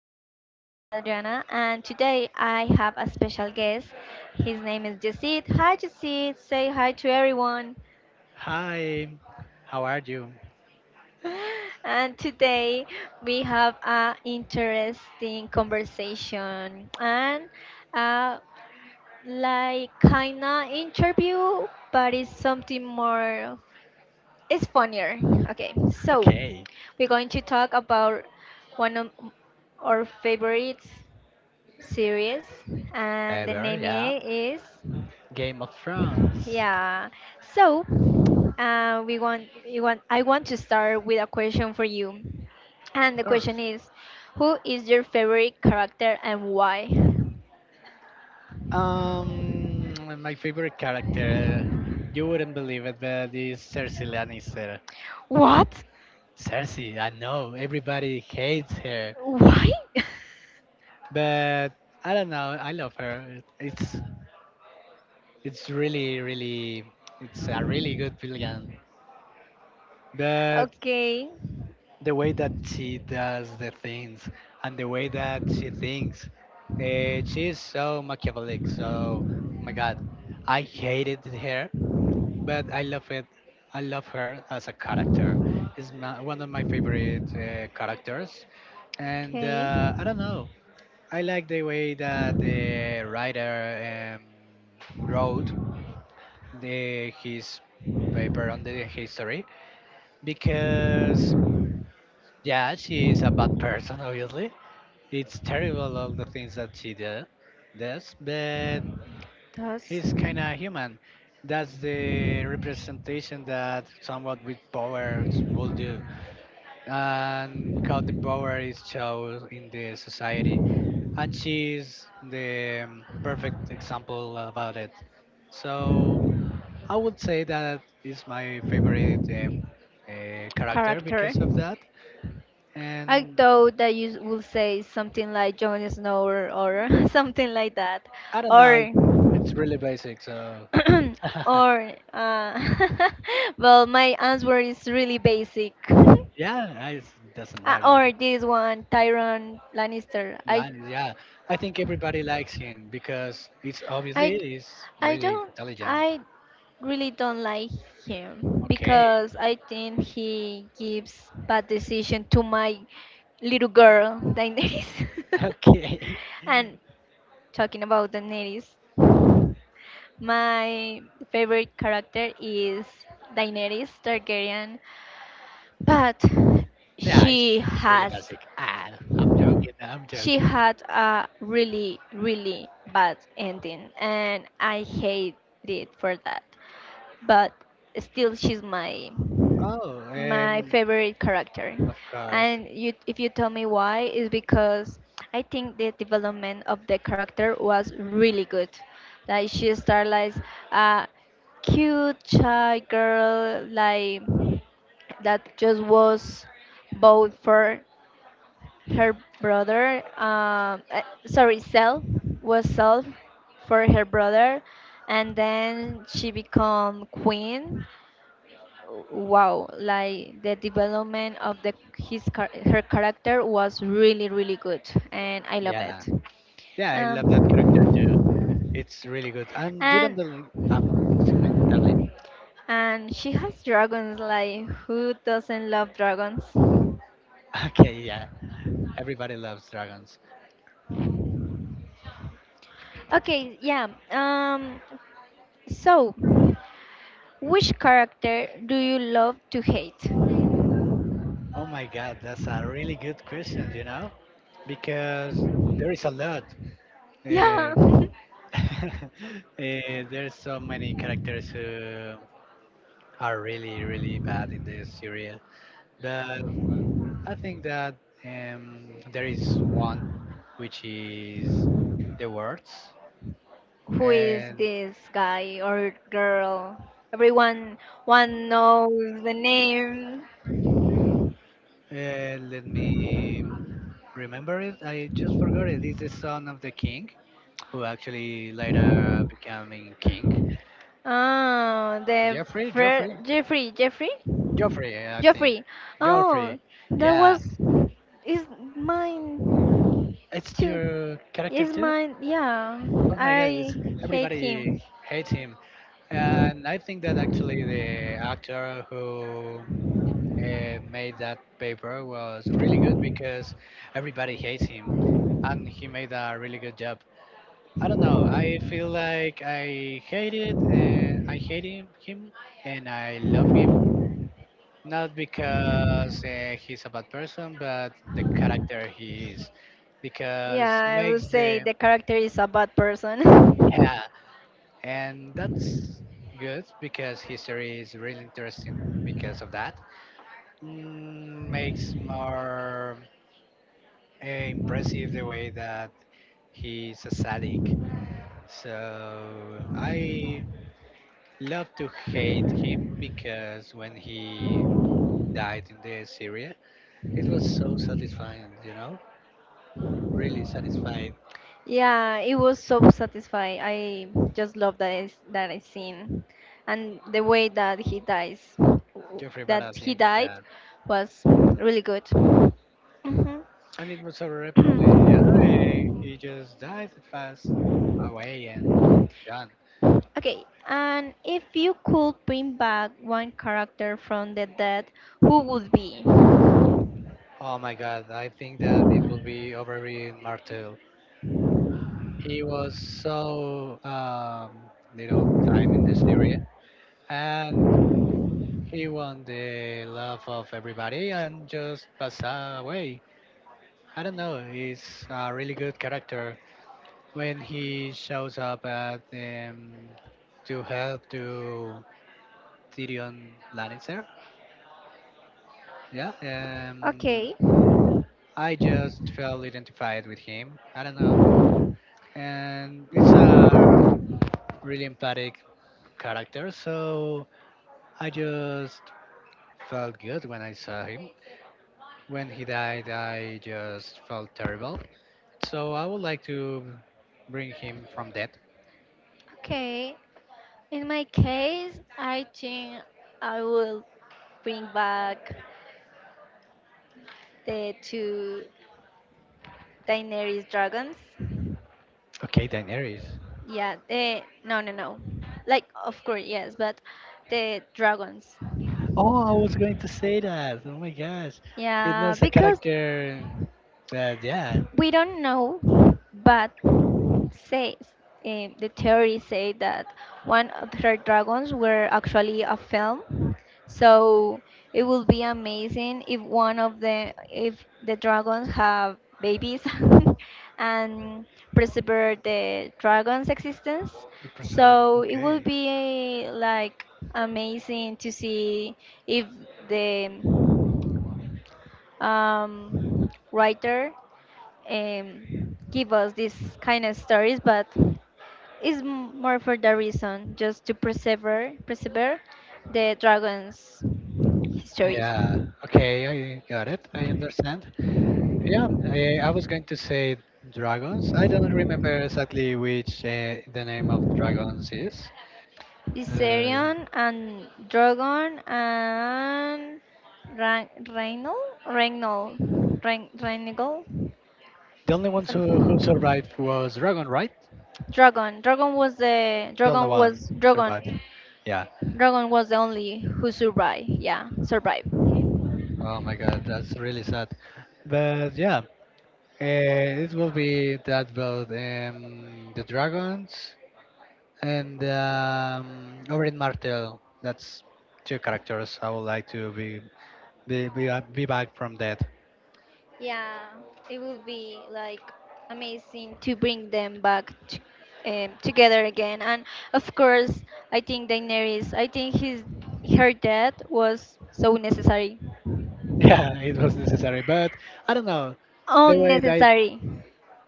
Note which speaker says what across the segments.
Speaker 1: that my name is Adriana, and today I have a special guest. His name is Jacid. Hi, Jacid. Say hi to everyone.
Speaker 2: Hi, how are you?
Speaker 1: And today we have an interesting conversation and uh, like kinda interview, but it's something more it's funnier. Okay, so
Speaker 2: Okay,
Speaker 1: we're going to talk about one of our favorite series, and the
Speaker 2: ever,
Speaker 1: name
Speaker 2: yeah.
Speaker 1: is
Speaker 2: Game of Thrones,
Speaker 1: yeah. So we want you want I want to start with a question for you, and
Speaker 2: of
Speaker 1: the question
Speaker 2: course.
Speaker 1: is, who is your favorite character and why?
Speaker 2: Um, my favorite character, you wouldn't believe it, but is Cersei Lannister.
Speaker 1: What?
Speaker 2: Cersei, I know everybody hates her,
Speaker 1: Why?
Speaker 2: but I don't know. I love her. It's really, really, it's a really good villain. But
Speaker 1: okay,
Speaker 2: the way that she does the things and the way that she thinks. She is so machiavellic. So, oh my God, I hated her, but I love it. I love her as a character. Is my, one of my favorite characters, and
Speaker 1: okay.
Speaker 2: I don't know. I like the way that the writer wrote the his paper on the history because yeah, she is a bad person, obviously. It's terrible all the things that she does, but
Speaker 1: Thus,
Speaker 2: he's kind of human. That's the representation that someone with powers will do, and how the power is shown in the society. And she's the perfect example about it. So I would say that is my favorite character
Speaker 1: character.
Speaker 2: because of that.
Speaker 1: I
Speaker 2: And
Speaker 1: thought that you will say something like Jon Snow or something like that,
Speaker 2: I don't know,
Speaker 1: or
Speaker 2: it's really basic, so.
Speaker 1: or well, my answer is really basic.
Speaker 2: Yeah, it doesn't
Speaker 1: Uh,
Speaker 2: matter.
Speaker 1: or this one, Tyron Lannister.
Speaker 2: Yeah, I think everybody likes him because it's
Speaker 1: I
Speaker 2: obviously he's
Speaker 1: I
Speaker 2: really
Speaker 1: don't
Speaker 2: intelligent.
Speaker 1: I really don't like him
Speaker 2: Okay,
Speaker 1: because I think he gives bad decision to my little girl Daenerys.
Speaker 2: okay.
Speaker 1: and talking about Daenerys, my favorite character is Daenerys Targaryen, but
Speaker 2: Yeah,
Speaker 1: she
Speaker 2: it's really
Speaker 1: has
Speaker 2: basic. Ah, I'm joking. I'm
Speaker 1: she
Speaker 2: joking.
Speaker 1: had a really really bad ending, and I hate it for that but still she's my
Speaker 2: Oh,
Speaker 1: my favorite character.
Speaker 2: of course.
Speaker 1: And you, if you tell me why, is because I think the development of the character was really good. Like she started like a cute shy girl, like that just was bold for her brother, sorry, Cell was sold for her brother, and then she become queen. Wow, like the development of her character was really really good, and I love it.
Speaker 2: Yeah, yeah, I love that character too.
Speaker 1: Um,
Speaker 2: It's really good. And you
Speaker 1: and
Speaker 2: don't believe? Ah, tell me.
Speaker 1: and she has dragons. Like who doesn't love dragons?
Speaker 2: Okay, yeah. Everybody loves dragons.
Speaker 1: Okay, yeah. So. Which character do you love to hate?
Speaker 2: Oh my God, that's a really good question, because there is a lot. Yeah.
Speaker 1: Yeah.
Speaker 2: Um there's so many characters who are really, really bad in this series. But I think that there is one, which is the words.
Speaker 1: Who is
Speaker 2: And
Speaker 1: this guy or girl? Everyone one knows the name.
Speaker 2: okay. Let me remember it. I just forgot it. It's the son of the king who actually later becoming king.
Speaker 1: Oh, the
Speaker 2: Jeffrey, Joffrey,
Speaker 1: Fre- Jeffrey, Jeffrey,
Speaker 2: Joffrey, yeah, I think
Speaker 1: Jeffrey.
Speaker 2: Joffrey.
Speaker 1: Oh, that
Speaker 2: Yeah,
Speaker 1: was is mine
Speaker 2: it's
Speaker 1: too.
Speaker 2: your character
Speaker 1: Is
Speaker 2: too.
Speaker 1: mine? Yeah,
Speaker 2: Oh my God,
Speaker 1: I hate
Speaker 2: everybody
Speaker 1: him.
Speaker 2: hates him, and I think that actually the actor who made that paper was really good because everybody hates him, and he made a really good job. I don't know. I feel like I hate it, and I hate him, and I love. Not because he's a bad person, but the character he is, because
Speaker 1: Yeah, I would
Speaker 2: makes
Speaker 1: say
Speaker 2: the
Speaker 1: the character is a bad person.
Speaker 2: yeah, and that's good because history is really interesting because of that. Makes more impressive the way that he's a sadic. So I love to hate him because when he died in the Syria, it was so satisfying. Really satisfied
Speaker 1: Yeah, it was so satisfying. I just love that I seen, and the way that he dies,
Speaker 2: Jeffrey
Speaker 1: that he
Speaker 2: Baratheon
Speaker 1: died,
Speaker 2: with.
Speaker 1: was really good. Mhm.
Speaker 2: And it was horrible. Hey, he just dies fast away and done.
Speaker 1: okay, and if you could bring back one character from the dead, who would be?
Speaker 2: Oh my God, I think that it will be over in Martell. He was so little time in the series and he won the love of everybody and just passed away. I don't know, he's a really good character when he shows up at to help to Tyrion Lannister. Yeah,
Speaker 1: Okay,
Speaker 2: I just felt identified with him. I don't know, and it's a really empathic character, so I just felt good when I saw him. When he died, I just felt terrible. So I would like to bring him from death.
Speaker 1: okay, in my case, I think I will bring back the two Daenerys dragons.
Speaker 2: Okay, Daenerys.
Speaker 1: Yeah, no, no, no. Like, of course, yes, but the dragons.
Speaker 2: Oh, I was going to say that. Oh my gosh, it
Speaker 1: Yeah,
Speaker 2: was a
Speaker 1: because
Speaker 2: character, but yeah,
Speaker 1: we don't know, but says the theory say that one of her dragons were actually a film. So it would be amazing if one of the if the dragons have babies and preserve the dragon's existence.
Speaker 2: the preserve.
Speaker 1: So it would
Speaker 2: Okay.
Speaker 1: be like amazing to see if the writer give us these kind of stories, but it's more for the reason just to persevere the dragon's histories.
Speaker 2: Yeah. Okay, I got it. I understand. Yeah, I was going to say dragons. I don't remember exactly which the name of dragons is. Uh,
Speaker 1: Viserion and Drogon and Reinald? Reinald. Reinald?
Speaker 2: the only ones
Speaker 1: Some-
Speaker 2: who survived was dragon, right?
Speaker 1: Drogon. Drogon was the
Speaker 2: The only
Speaker 1: Drogon
Speaker 2: one
Speaker 1: was
Speaker 2: survived.
Speaker 1: Drogon.
Speaker 2: Yeah.
Speaker 1: Drogon was the only who survived. Yeah, survived.
Speaker 2: Oh my God, that's really sad. But yeah, it will be that about the dragons and Oberyn Martell. That's two characters I would like to be back from that.
Speaker 1: Yeah, it would be like amazing to bring them back together again. And of course, I think Daenerys, I think his her death was so necessary.
Speaker 2: Yeah, it was necessary, but I don't know the way that
Speaker 1: Unnecessary.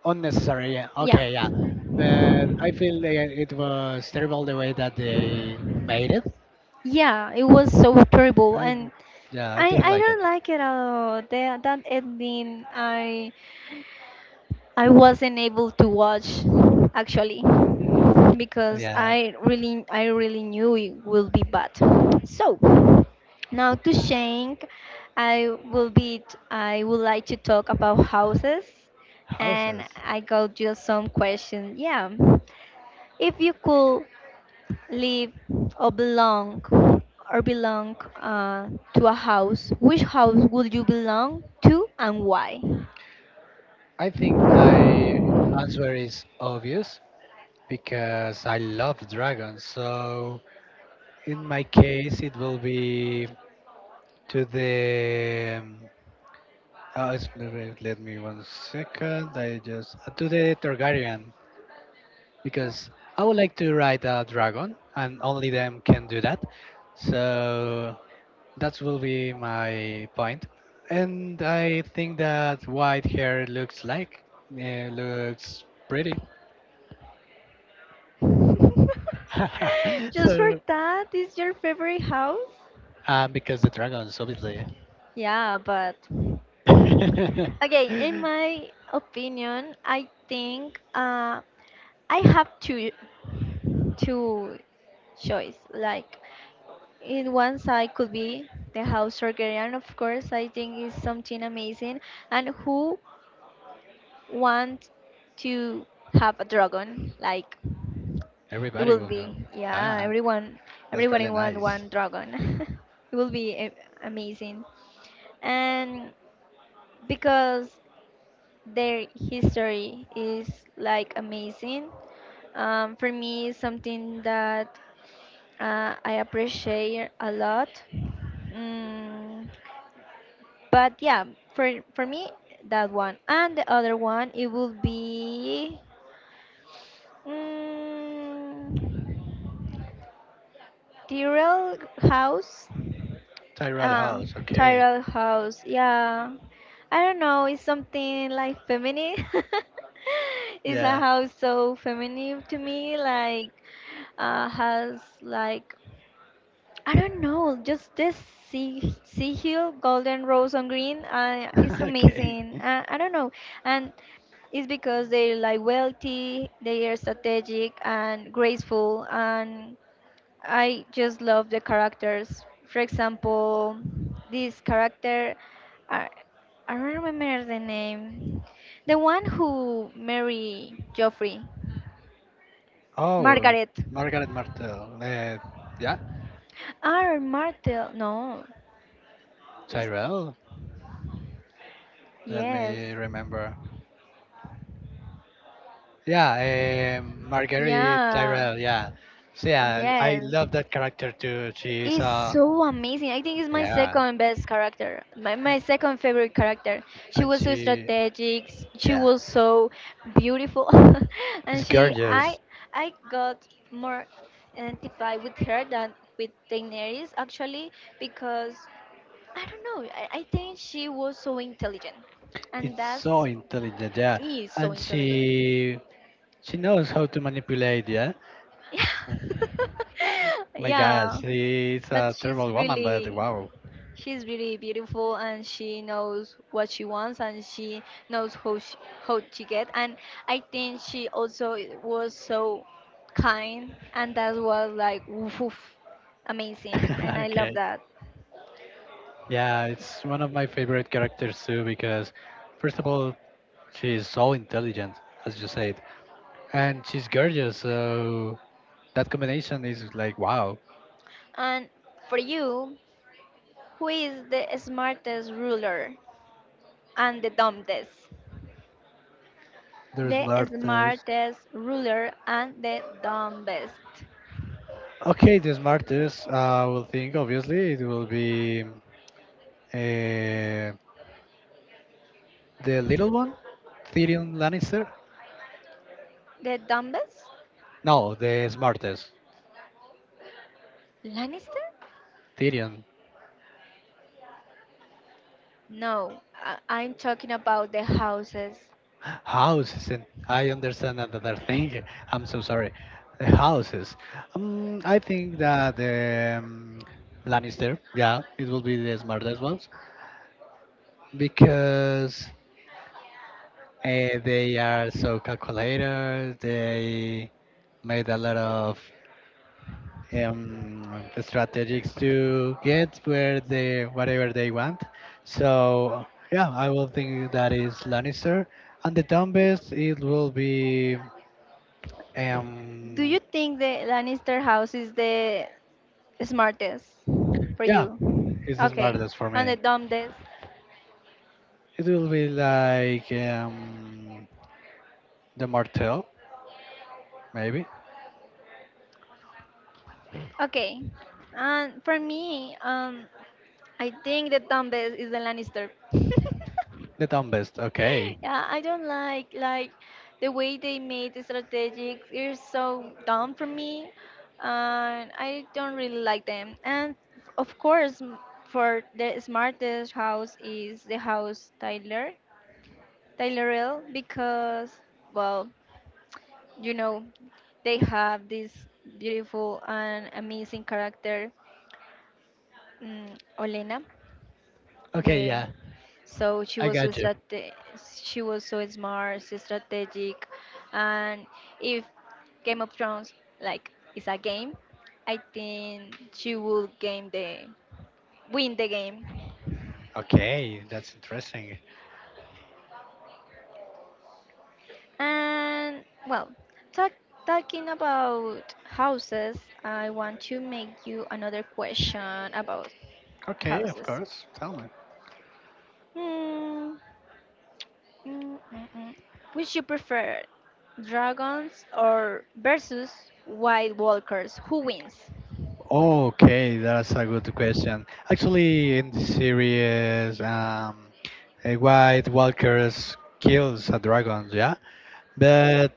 Speaker 2: unnecessary. Yeah,
Speaker 1: Yeah.
Speaker 2: okay, yeah, but I feel like it was terrible the way that they made it.
Speaker 1: Yeah, it was so terrible
Speaker 2: I
Speaker 1: and
Speaker 2: Yeah, I
Speaker 1: I
Speaker 2: didn't
Speaker 1: I
Speaker 2: like it.
Speaker 1: don't like it at all. That ending I wasn't able to watch actually because
Speaker 2: Yeah,
Speaker 1: I really knew it will be bad. So now to Shank, I will be I would like to talk about houses and
Speaker 2: houses.
Speaker 1: I got just some questions. Yeah. If you could live or belong or belong to a house, which house would you belong to and why?
Speaker 2: I think my answer is obvious because I love dragons. So in my case, it will be to the oh, it's let me 1 second. I just to the Targaryen because I would like to ride a dragon, and only them can do that. So that will be my point. And I think that white hair looks looks pretty.
Speaker 1: Just for
Speaker 2: So
Speaker 1: that, is your favorite house?
Speaker 2: because the dragons, obviously,
Speaker 1: Yeah, but okay, in my opinion, I think I have two choice. Like in one side could be the house Targaryen, of course. I think is something amazing. And who want to have a dragon? Like it
Speaker 2: everybody
Speaker 1: will
Speaker 2: will know.
Speaker 1: be yeah,
Speaker 2: Ah,
Speaker 1: everyone
Speaker 2: that's
Speaker 1: everyone
Speaker 2: really
Speaker 1: in want
Speaker 2: nice.
Speaker 1: one dragon. it will be amazing. And because their history is like amazing for me is something that I appreciate a lot, mm, but yeah for me that one and the other one it will be, mm, Tyrell house.
Speaker 2: Tyrell
Speaker 1: Uh,
Speaker 2: House, okay,
Speaker 1: Tyrell House. Yeah. I don't know. It's something like feminine. it's a
Speaker 2: yeah.
Speaker 1: house so feminine to me. Like, has like I don't know. Just this sea hill, golden rose on green. It's
Speaker 2: Okay.
Speaker 1: amazing. I don't know. And it's because they're like wealthy, they are strategic and graceful and I just love the characters. For example, this character, I, I don't remember the name. The one who married Joffrey,
Speaker 2: Oh,
Speaker 1: Margaret.
Speaker 2: Margaret Martel. Yeah,
Speaker 1: Martel. No. It's-
Speaker 2: Tyrell. Let
Speaker 1: yes.
Speaker 2: me remember. Yeah, Marguerite
Speaker 1: Yeah.
Speaker 2: Tyrell. Yeah, so, yeah. I
Speaker 1: Yes.
Speaker 2: love that character too. She's
Speaker 1: Is so amazing. I think it's my
Speaker 2: yeah,
Speaker 1: second best character, my second favorite character. She
Speaker 2: and
Speaker 1: was so
Speaker 2: she,
Speaker 1: strategic. She
Speaker 2: yeah,
Speaker 1: was so beautiful, and
Speaker 2: it's
Speaker 1: she
Speaker 2: gorgeous.
Speaker 1: I got more identified with her than with Daenerys actually because I don't know. I think she was so intelligent, and
Speaker 2: It's so
Speaker 1: that's
Speaker 2: intelligent. Yeah,
Speaker 1: is so
Speaker 2: and
Speaker 1: intelligent.
Speaker 2: she knows how to manipulate. Yeah,
Speaker 1: Yeah,
Speaker 2: my gosh,
Speaker 1: yeah.
Speaker 2: she's
Speaker 1: But
Speaker 2: a terrible woman, but wow.
Speaker 1: she's really beautiful and she knows what she wants and she knows how to get and I think she also was so kind and that was like woof, woof, amazing and I love
Speaker 2: Okay.
Speaker 1: that.
Speaker 2: Yeah, it's one of my favorite characters too because, first of all, she's so intelligent, as you said, and she's gorgeous. So that combination is like wow.
Speaker 1: And for you, who is the smartest ruler and the dumbest?
Speaker 2: There's
Speaker 1: The
Speaker 2: Martha's.
Speaker 1: smartest ruler and the dumbest.
Speaker 2: Okay, the smartest I will think obviously it will be uh, the little one, Tyrion Lannister.
Speaker 1: The dumbest?
Speaker 2: No, the smartest,
Speaker 1: Lannister?
Speaker 2: Tyrion.
Speaker 1: No, I'm talking about the houses.
Speaker 2: Houses, and I understand another thing. I'm so sorry. The houses. I think that Lannister, yeah, it will be the smartest ones because they are so calculated. They made a lot of strategies to get where they whatever they want. So yeah, I will think that is Lannister, and the dumbest it will be.
Speaker 1: Do you
Speaker 2: Um,
Speaker 1: think the Lannister house is the smartest for
Speaker 2: yeah,
Speaker 1: you?
Speaker 2: it's the
Speaker 1: Okay,
Speaker 2: smartest for
Speaker 1: and the
Speaker 2: me.
Speaker 1: dumbest.
Speaker 2: It will be like the Martel, maybe.
Speaker 1: Okay, and for me, I think the dumbest is the Lannister.
Speaker 2: The dumbest. Okay.
Speaker 1: yeah, I don't like the way they made the strategic. It's so dumb for me, and I don't really like them. And of course, for the smartest house is the house Tyler Taylorville because, well, you know, they have this beautiful and amazing character, um, Olena.
Speaker 2: Okay.
Speaker 1: The
Speaker 2: Yeah,
Speaker 1: so she
Speaker 2: I
Speaker 1: was so
Speaker 2: got you.
Speaker 1: strate- She was so smart, so strategic, and if Game of Thrones like is a game, I think she will game the win the game.
Speaker 2: Okay, that's interesting.
Speaker 1: And well, talk, talking about houses, I want to make you another question about
Speaker 2: Okay, of
Speaker 1: houses.
Speaker 2: course. Tell me.
Speaker 1: Hmm. Mm, mm, mm. Which you prefer, dragons or versus white walkers? Who wins?
Speaker 2: Okay, that's a good question. Actually, in the series, a White Walkers kills a dragon, yeah. But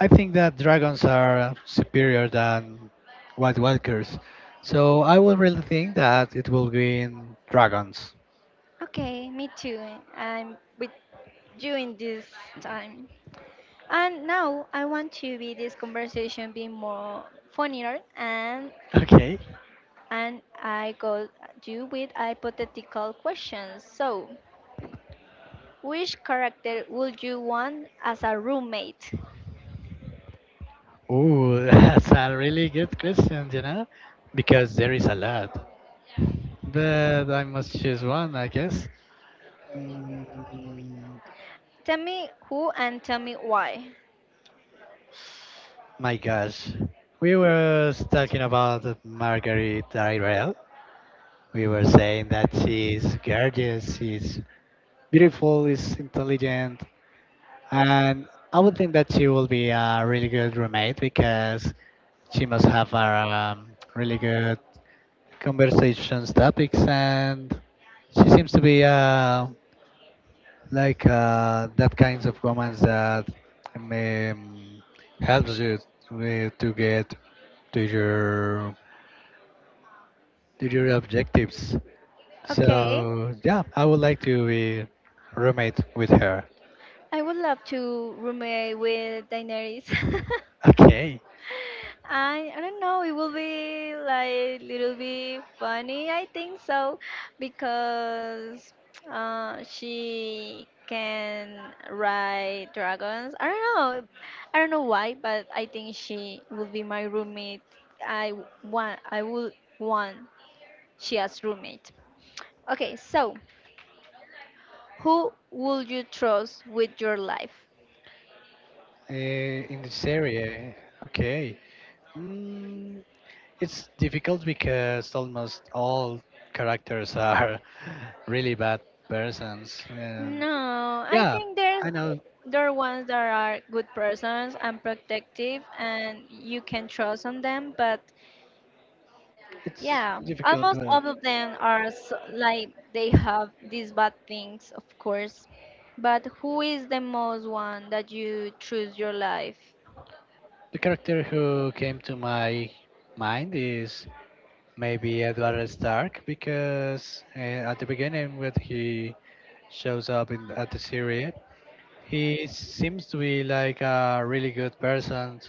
Speaker 2: I think that dragons are superior than White Walkers, so I would really think that it will be in dragons.
Speaker 1: Okay, me too. I'm with you in this time. And now I want to be this conversation be more funnier and
Speaker 2: Okay.
Speaker 1: and I got you with hypothetical questions. So, which character would you want as a roommate?
Speaker 2: Ooh, that's a really good question, because there is a lot. But I must choose one, I guess. Mm,
Speaker 1: Tell me who and tell me why.
Speaker 2: My gosh, we were talking about Marguerite Tyrell. We were saying that she's gorgeous, she's beautiful, is intelligent, and I would think that she will be a really good roommate because she must have a really good conversations topics, and she seems to be like that kinds of woman that um, helps you to get to your to your objectives.
Speaker 1: Okay,
Speaker 2: So yeah, I would like to be roommate with her.
Speaker 1: I would love to roommate with Daenerys.
Speaker 2: Okay,
Speaker 1: I don't know. It will be like little bit funny. I think so because she can ride dragons. I don't know. I don't know why, but I think she will be my roommate. I w- want. I will want she as roommate. Okay, so who would you trust with your life?
Speaker 2: in this area. Okay, mm, it's difficult because almost all characters are really bad persons, and
Speaker 1: No, I
Speaker 2: yeah,
Speaker 1: think
Speaker 2: I know
Speaker 1: there are ones that are good persons and protective, and you can trust on them. But
Speaker 2: it's
Speaker 1: yeah,
Speaker 2: difficult,
Speaker 1: almost
Speaker 2: but
Speaker 1: all of them are so, like they have these bad things, of course. But who is the most one that you choose your life?
Speaker 2: the character who came to my mind is maybe Edward Stark because at the beginning when he shows up in at the series, he seems to be like a really good person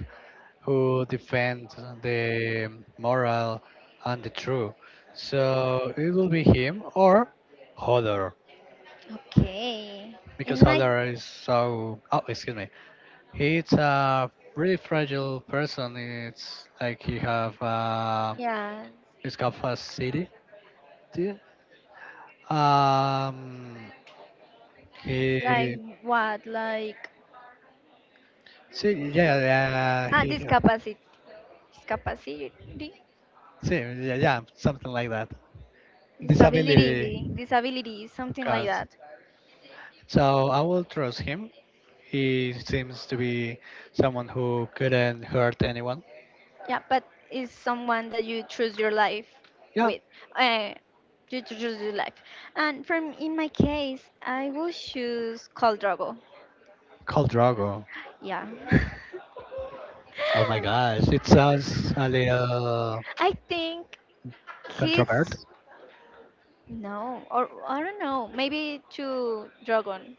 Speaker 2: who defends the moral and the true. So it will be him or Hodor
Speaker 1: Okay.
Speaker 2: because
Speaker 1: In my
Speaker 2: Hodor is so. Oh, excuse me. He's a really fragile person. It's like he have
Speaker 1: Yeah,
Speaker 2: he's got facility. Um,
Speaker 1: like
Speaker 2: he
Speaker 1: what? Like
Speaker 2: see, yeah, yeah,
Speaker 1: ah,
Speaker 2: he
Speaker 1: discapacity, discapacity,
Speaker 2: see, yeah, yeah, something like that. Disability
Speaker 1: disability, something like
Speaker 2: cards.
Speaker 1: that.
Speaker 2: So I will trust him. He seems to be someone who couldn't hurt anyone.
Speaker 1: Yeah, but it's someone that you choose your life
Speaker 2: Yeah,
Speaker 1: with. Uh, you to choose your life. And from in my case, I will choose Khal Drogo.
Speaker 2: called Drago.
Speaker 1: Yeah.
Speaker 2: Oh my gosh, it sounds a little
Speaker 1: I think
Speaker 2: controversial.
Speaker 1: he's No, or I don't know, maybe to Dragon,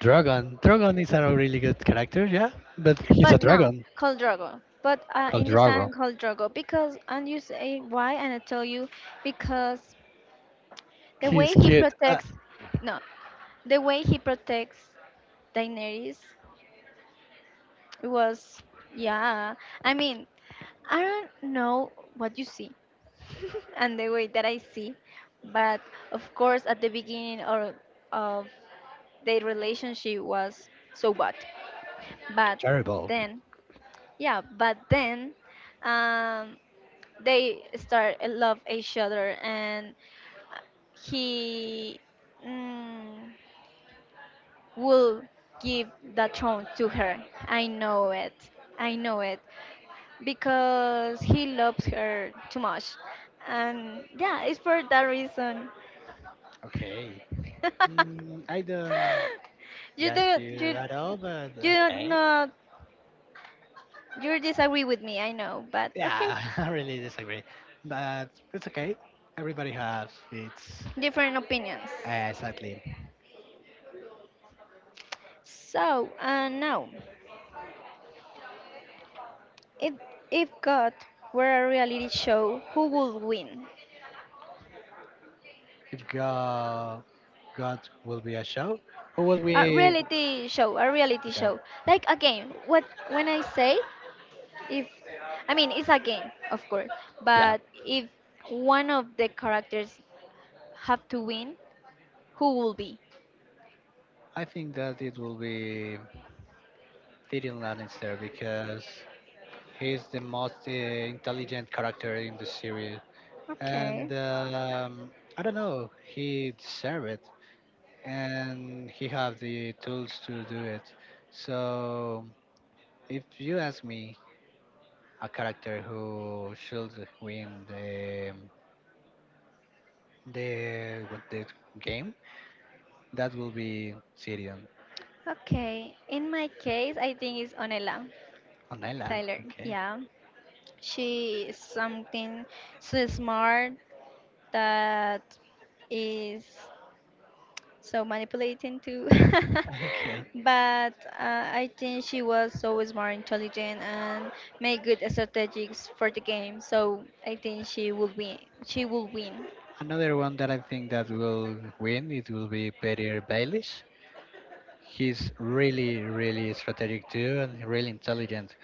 Speaker 2: Dragon. Dragon is a really good character, yeah, but he's a
Speaker 1: but no,
Speaker 2: dragon
Speaker 1: Khal Drogo. But
Speaker 2: called
Speaker 1: in this
Speaker 2: Drago.
Speaker 1: time, Khal Drogo, because and you say why, and I tell you because the way
Speaker 2: He's
Speaker 1: he
Speaker 2: cute. Ah,
Speaker 1: protects, no, the way he protects Daenerys. It was, yeah. I mean, I don't know what you see and the way that I see, but of course, at the beginning of their relationship was so bad. But
Speaker 2: terrible.
Speaker 1: then, yeah, but then um, they start love each other, and he, mm, will give that throne to her. I know it. I know it. Because he loves her too much. And yeah, it's for that reason.
Speaker 2: Okay. I don't
Speaker 1: you
Speaker 2: get
Speaker 1: do
Speaker 2: you
Speaker 1: you
Speaker 2: at all, but
Speaker 1: you don't
Speaker 2: okay.
Speaker 1: know, you disagree with me, I know, but okay,
Speaker 2: Yeah, I really disagree. But it's okay. Everybody has its.
Speaker 1: different opinions.
Speaker 2: Exactly.
Speaker 1: So now, if if God were a reality show, who would win?
Speaker 2: If God, God will be a show, who will
Speaker 1: A
Speaker 2: be.
Speaker 1: reality show, a reality
Speaker 2: Okay.
Speaker 1: show. Like a game. What, when I say if I mean it's a game of course,
Speaker 2: Yeah.
Speaker 1: but if one of the characters have to win, who will be?
Speaker 2: I think that it will be Tyrion Lannister because he's the most intelligent character in the series,
Speaker 1: Okay.
Speaker 2: and I don't know. He deserved it, and he have the tools to do it. So, if you ask me, a character who should win the game, that will be Sirion.
Speaker 1: Okay. In my case, I think it's Onela
Speaker 2: Oh, Nela.
Speaker 1: Tyler.
Speaker 2: Okay.
Speaker 1: Yeah. She is something so smart that is so manipulating too. but I think she was always more intelligent and made good strategies for the game. So I think she will win. She will win.
Speaker 2: Another one that I think that will win, it will be Peter Baelish. He's really, really strategic too, and really intelligent.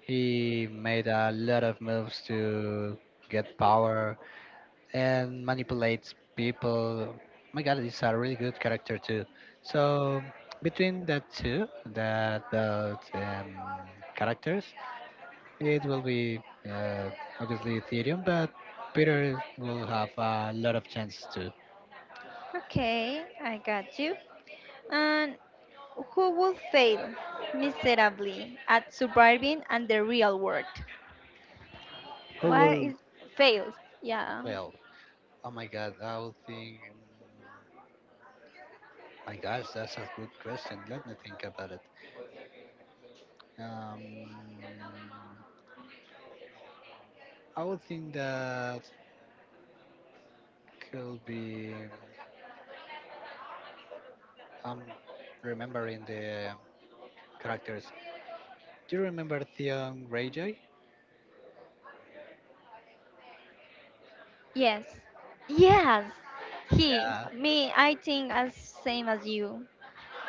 Speaker 2: He made a lot of moves to get power and manipulates people. Oh my God, he's a really good character too. So between that two, that characters, it will be uh, obviously Ethereum, but Peter will have a lot of chances too.
Speaker 1: Okay, I got you. And who will fail miserably at surviving and the real world?
Speaker 2: Who
Speaker 1: What
Speaker 2: will
Speaker 1: is fails? Yeah.
Speaker 2: Well, oh my God, I would think. My gosh, that's a good question. Let me think about it. Um, I would think that could be. I'm remembering the characters. Do you remember Theon Greyjoy?
Speaker 1: Yes. Yes. He.
Speaker 2: Yeah,
Speaker 1: Me. I think as same as you.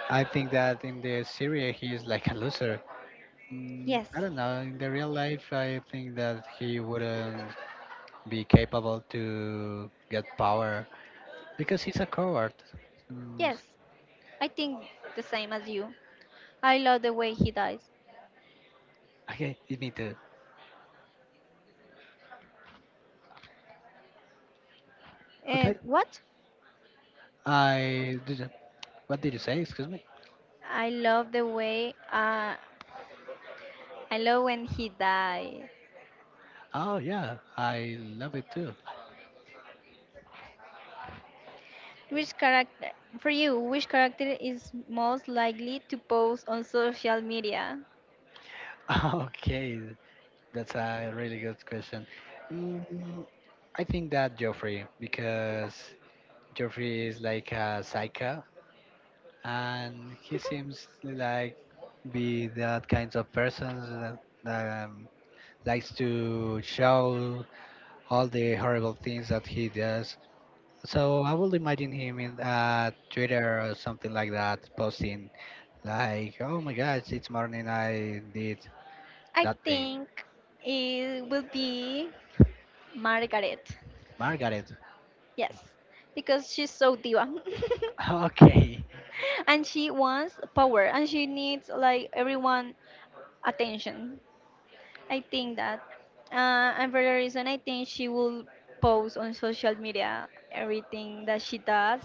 Speaker 2: I think that in the series he is like a loser.
Speaker 1: Yes.
Speaker 2: I don't know. In the real life, I think that he wouldn't be capable to get power because he's a coward. Mm,
Speaker 1: Yes. I think the same as you. I love the way he dies.
Speaker 2: Okay, you need to. Okay,
Speaker 1: And what?
Speaker 2: I did. What did you say? Excuse me.
Speaker 1: I love the way I love when he dies.
Speaker 2: Oh yeah, I love it too.
Speaker 1: Which character for you? Which character is most likely to post on social media?
Speaker 2: Okay, that's a really good question. Mm, I think that Joffrey because Joffrey is like a psycho, and he seems like be that kind of person that likes to show all the horrible things that he does. So I will imagine him in Twitter or something like that, posting like, "Oh my gosh, it's morning. I did
Speaker 1: I
Speaker 2: that thing,
Speaker 1: think it will be Margaret.
Speaker 2: Margaret."
Speaker 1: Yes, because she's so diva,
Speaker 2: Okay,
Speaker 1: and she wants power, and she needs like everyone attention. I think that, and for the reason I think she will post on social media everything that she does,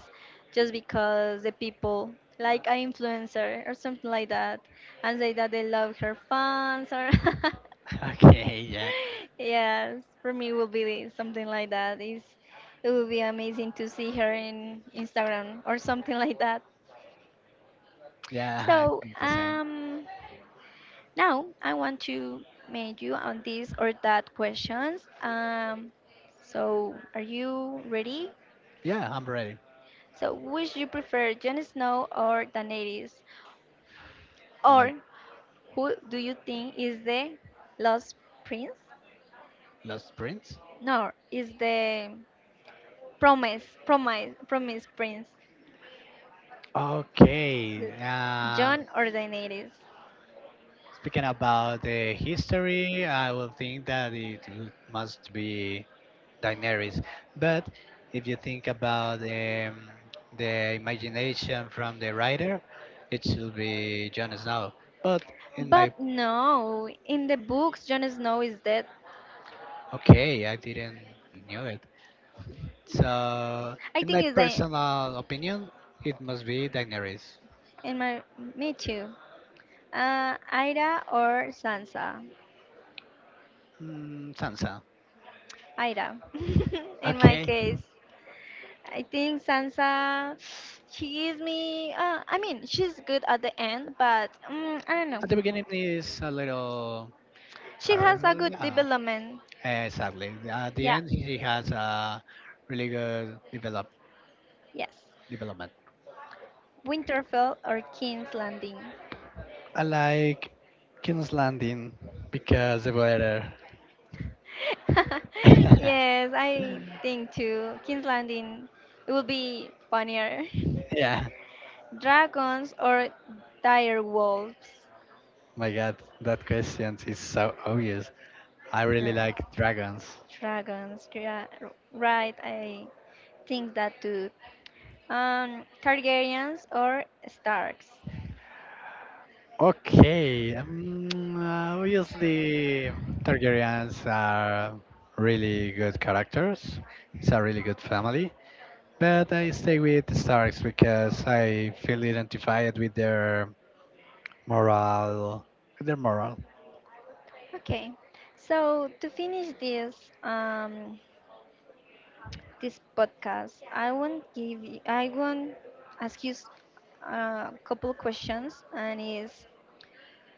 Speaker 1: just because the people like an influencer or something like that, and say that they love her fans or
Speaker 2: okay, yeah,
Speaker 1: yes, for me will be something like that. Is it would be amazing to see her in Instagram or something like that.
Speaker 2: yeah, I
Speaker 1: So
Speaker 2: think the same.
Speaker 1: Now, I want to make you on this or that questions. So, are you ready?
Speaker 2: Yeah, I'm ready.
Speaker 1: So, which you prefer, Jon Snow or Daenerys?
Speaker 2: My
Speaker 1: Or who do you think is the Lost Prince?
Speaker 2: Lost Prince.
Speaker 1: No, is the Promise Prince.
Speaker 2: Okay.
Speaker 1: The- John or Daenerys.
Speaker 2: Speaking about the history, I will think that it must be Daenerys. But if you think about the imagination from the writer, it should be Jon Snow. But in my
Speaker 1: But no, in the books, Jon Snow is dead.
Speaker 2: okay, I didn't knew it. So
Speaker 1: I
Speaker 2: in
Speaker 1: think
Speaker 2: my
Speaker 1: it's the
Speaker 2: personal opinion, it must be Daenerys.
Speaker 1: in my me too. Ida or Sansa?
Speaker 2: Sansa.
Speaker 1: Aira, in my
Speaker 2: Okay.
Speaker 1: case, I think Sansa, she gives me, I mean, she's good at the end, but I don't know.
Speaker 2: At the beginning is a little
Speaker 1: She has
Speaker 2: hard.
Speaker 1: a good
Speaker 2: Uh,
Speaker 1: development.
Speaker 2: exactly. At the
Speaker 1: Yeah,
Speaker 2: end, he has a really good develop
Speaker 1: yes.
Speaker 2: development.
Speaker 1: Winterfell or King's Landing?
Speaker 2: I like King's Landing because the weather.
Speaker 1: yes, I think too. King's Landing, it will be funnier.
Speaker 2: Yeah,
Speaker 1: Dragons or dire wolves?
Speaker 2: my God, that question is so obvious. I really like dragons.
Speaker 1: Dragons, yeah, right, I think that too. Targaryens or Starks.
Speaker 2: Okay, obviously Targaryens are really good characters. It's a really good family. But I stay with the Starks because I feel identified with their moral. Their moral.
Speaker 1: Okay, so to finish this this podcast, I won't give you, I won't ask you a couple questions, and is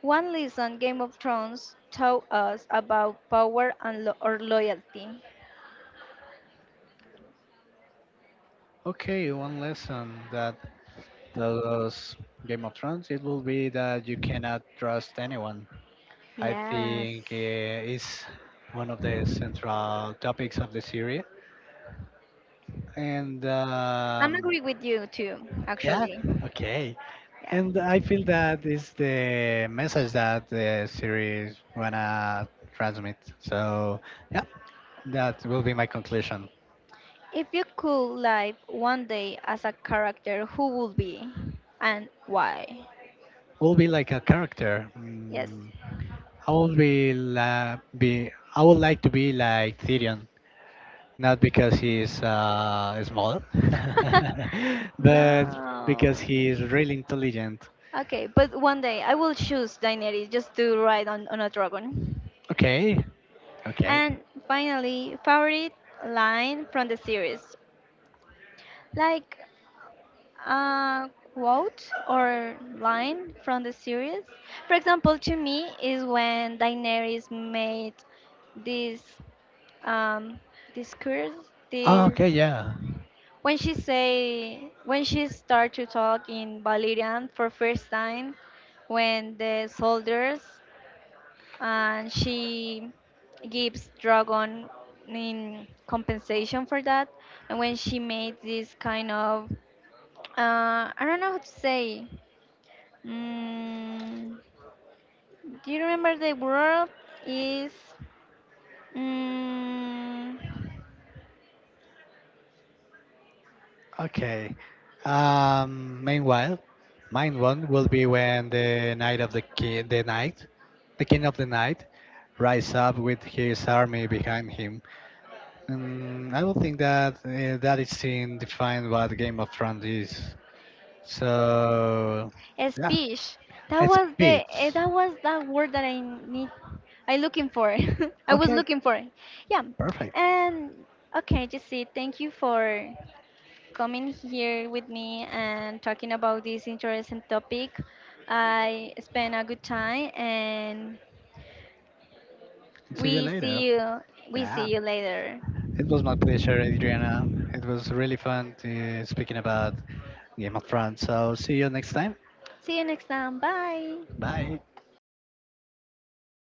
Speaker 1: one lesson Game of Thrones taught us about power and or loyalty.
Speaker 2: Okay, one lesson that those Game of Thrones, it will be that you cannot trust anyone. I
Speaker 1: Yes,
Speaker 2: think it's one of the central topics of the series. And
Speaker 1: I'm agree with you too,
Speaker 2: yeah,
Speaker 1: actually.
Speaker 2: okay.
Speaker 1: Yeah.
Speaker 2: And I feel that is the message that the series wanna transmit. So yeah, that will be my conclusion.
Speaker 1: If you could live one day as a character, who would be and why?
Speaker 2: Will be like a character.
Speaker 1: Yes.
Speaker 2: I will be, be. I would like to be like Tyrion not because he's small, but
Speaker 1: no.
Speaker 2: because he's really intelligent.
Speaker 1: Okay, but one day I will choose Daenerys just to ride on a dragon.
Speaker 2: Okay, okay.
Speaker 1: And finally, favorite line from the series. Like a quote or line from the series. For example, to me is when Daenerys made this um, this curse,
Speaker 2: Oh, okay,
Speaker 1: this
Speaker 2: yeah.
Speaker 1: when she say when she start to talk in Valerian for first time, when the soldiers and she gives dragon in compensation for that, and when she made this kind of I don't know how to say. Mm, do you remember the word is? Mm,
Speaker 2: Okay. Meanwhile, mine one will be when the knight of the king, the knight, the king of the night, rise up with his army behind him. I don't think that that is in defined what Game of Thrones is. So,
Speaker 1: a
Speaker 2: yeah,
Speaker 1: speech.
Speaker 2: it's Peach.
Speaker 1: That was that word that I need. I looking for. I was
Speaker 2: Okay,
Speaker 1: looking for. Yeah.
Speaker 2: perfect.
Speaker 1: And okay, Jesse, thank you for coming here with me and talking about this interesting topic. I spent a good time, and
Speaker 2: See you
Speaker 1: we
Speaker 2: later.
Speaker 1: see you. We
Speaker 2: Yeah.
Speaker 1: see you later.
Speaker 2: It was my pleasure, Adriana. It was really fun speaking about Game of Thrones, so see you next time.
Speaker 1: See you next time. Bye.
Speaker 2: Bye.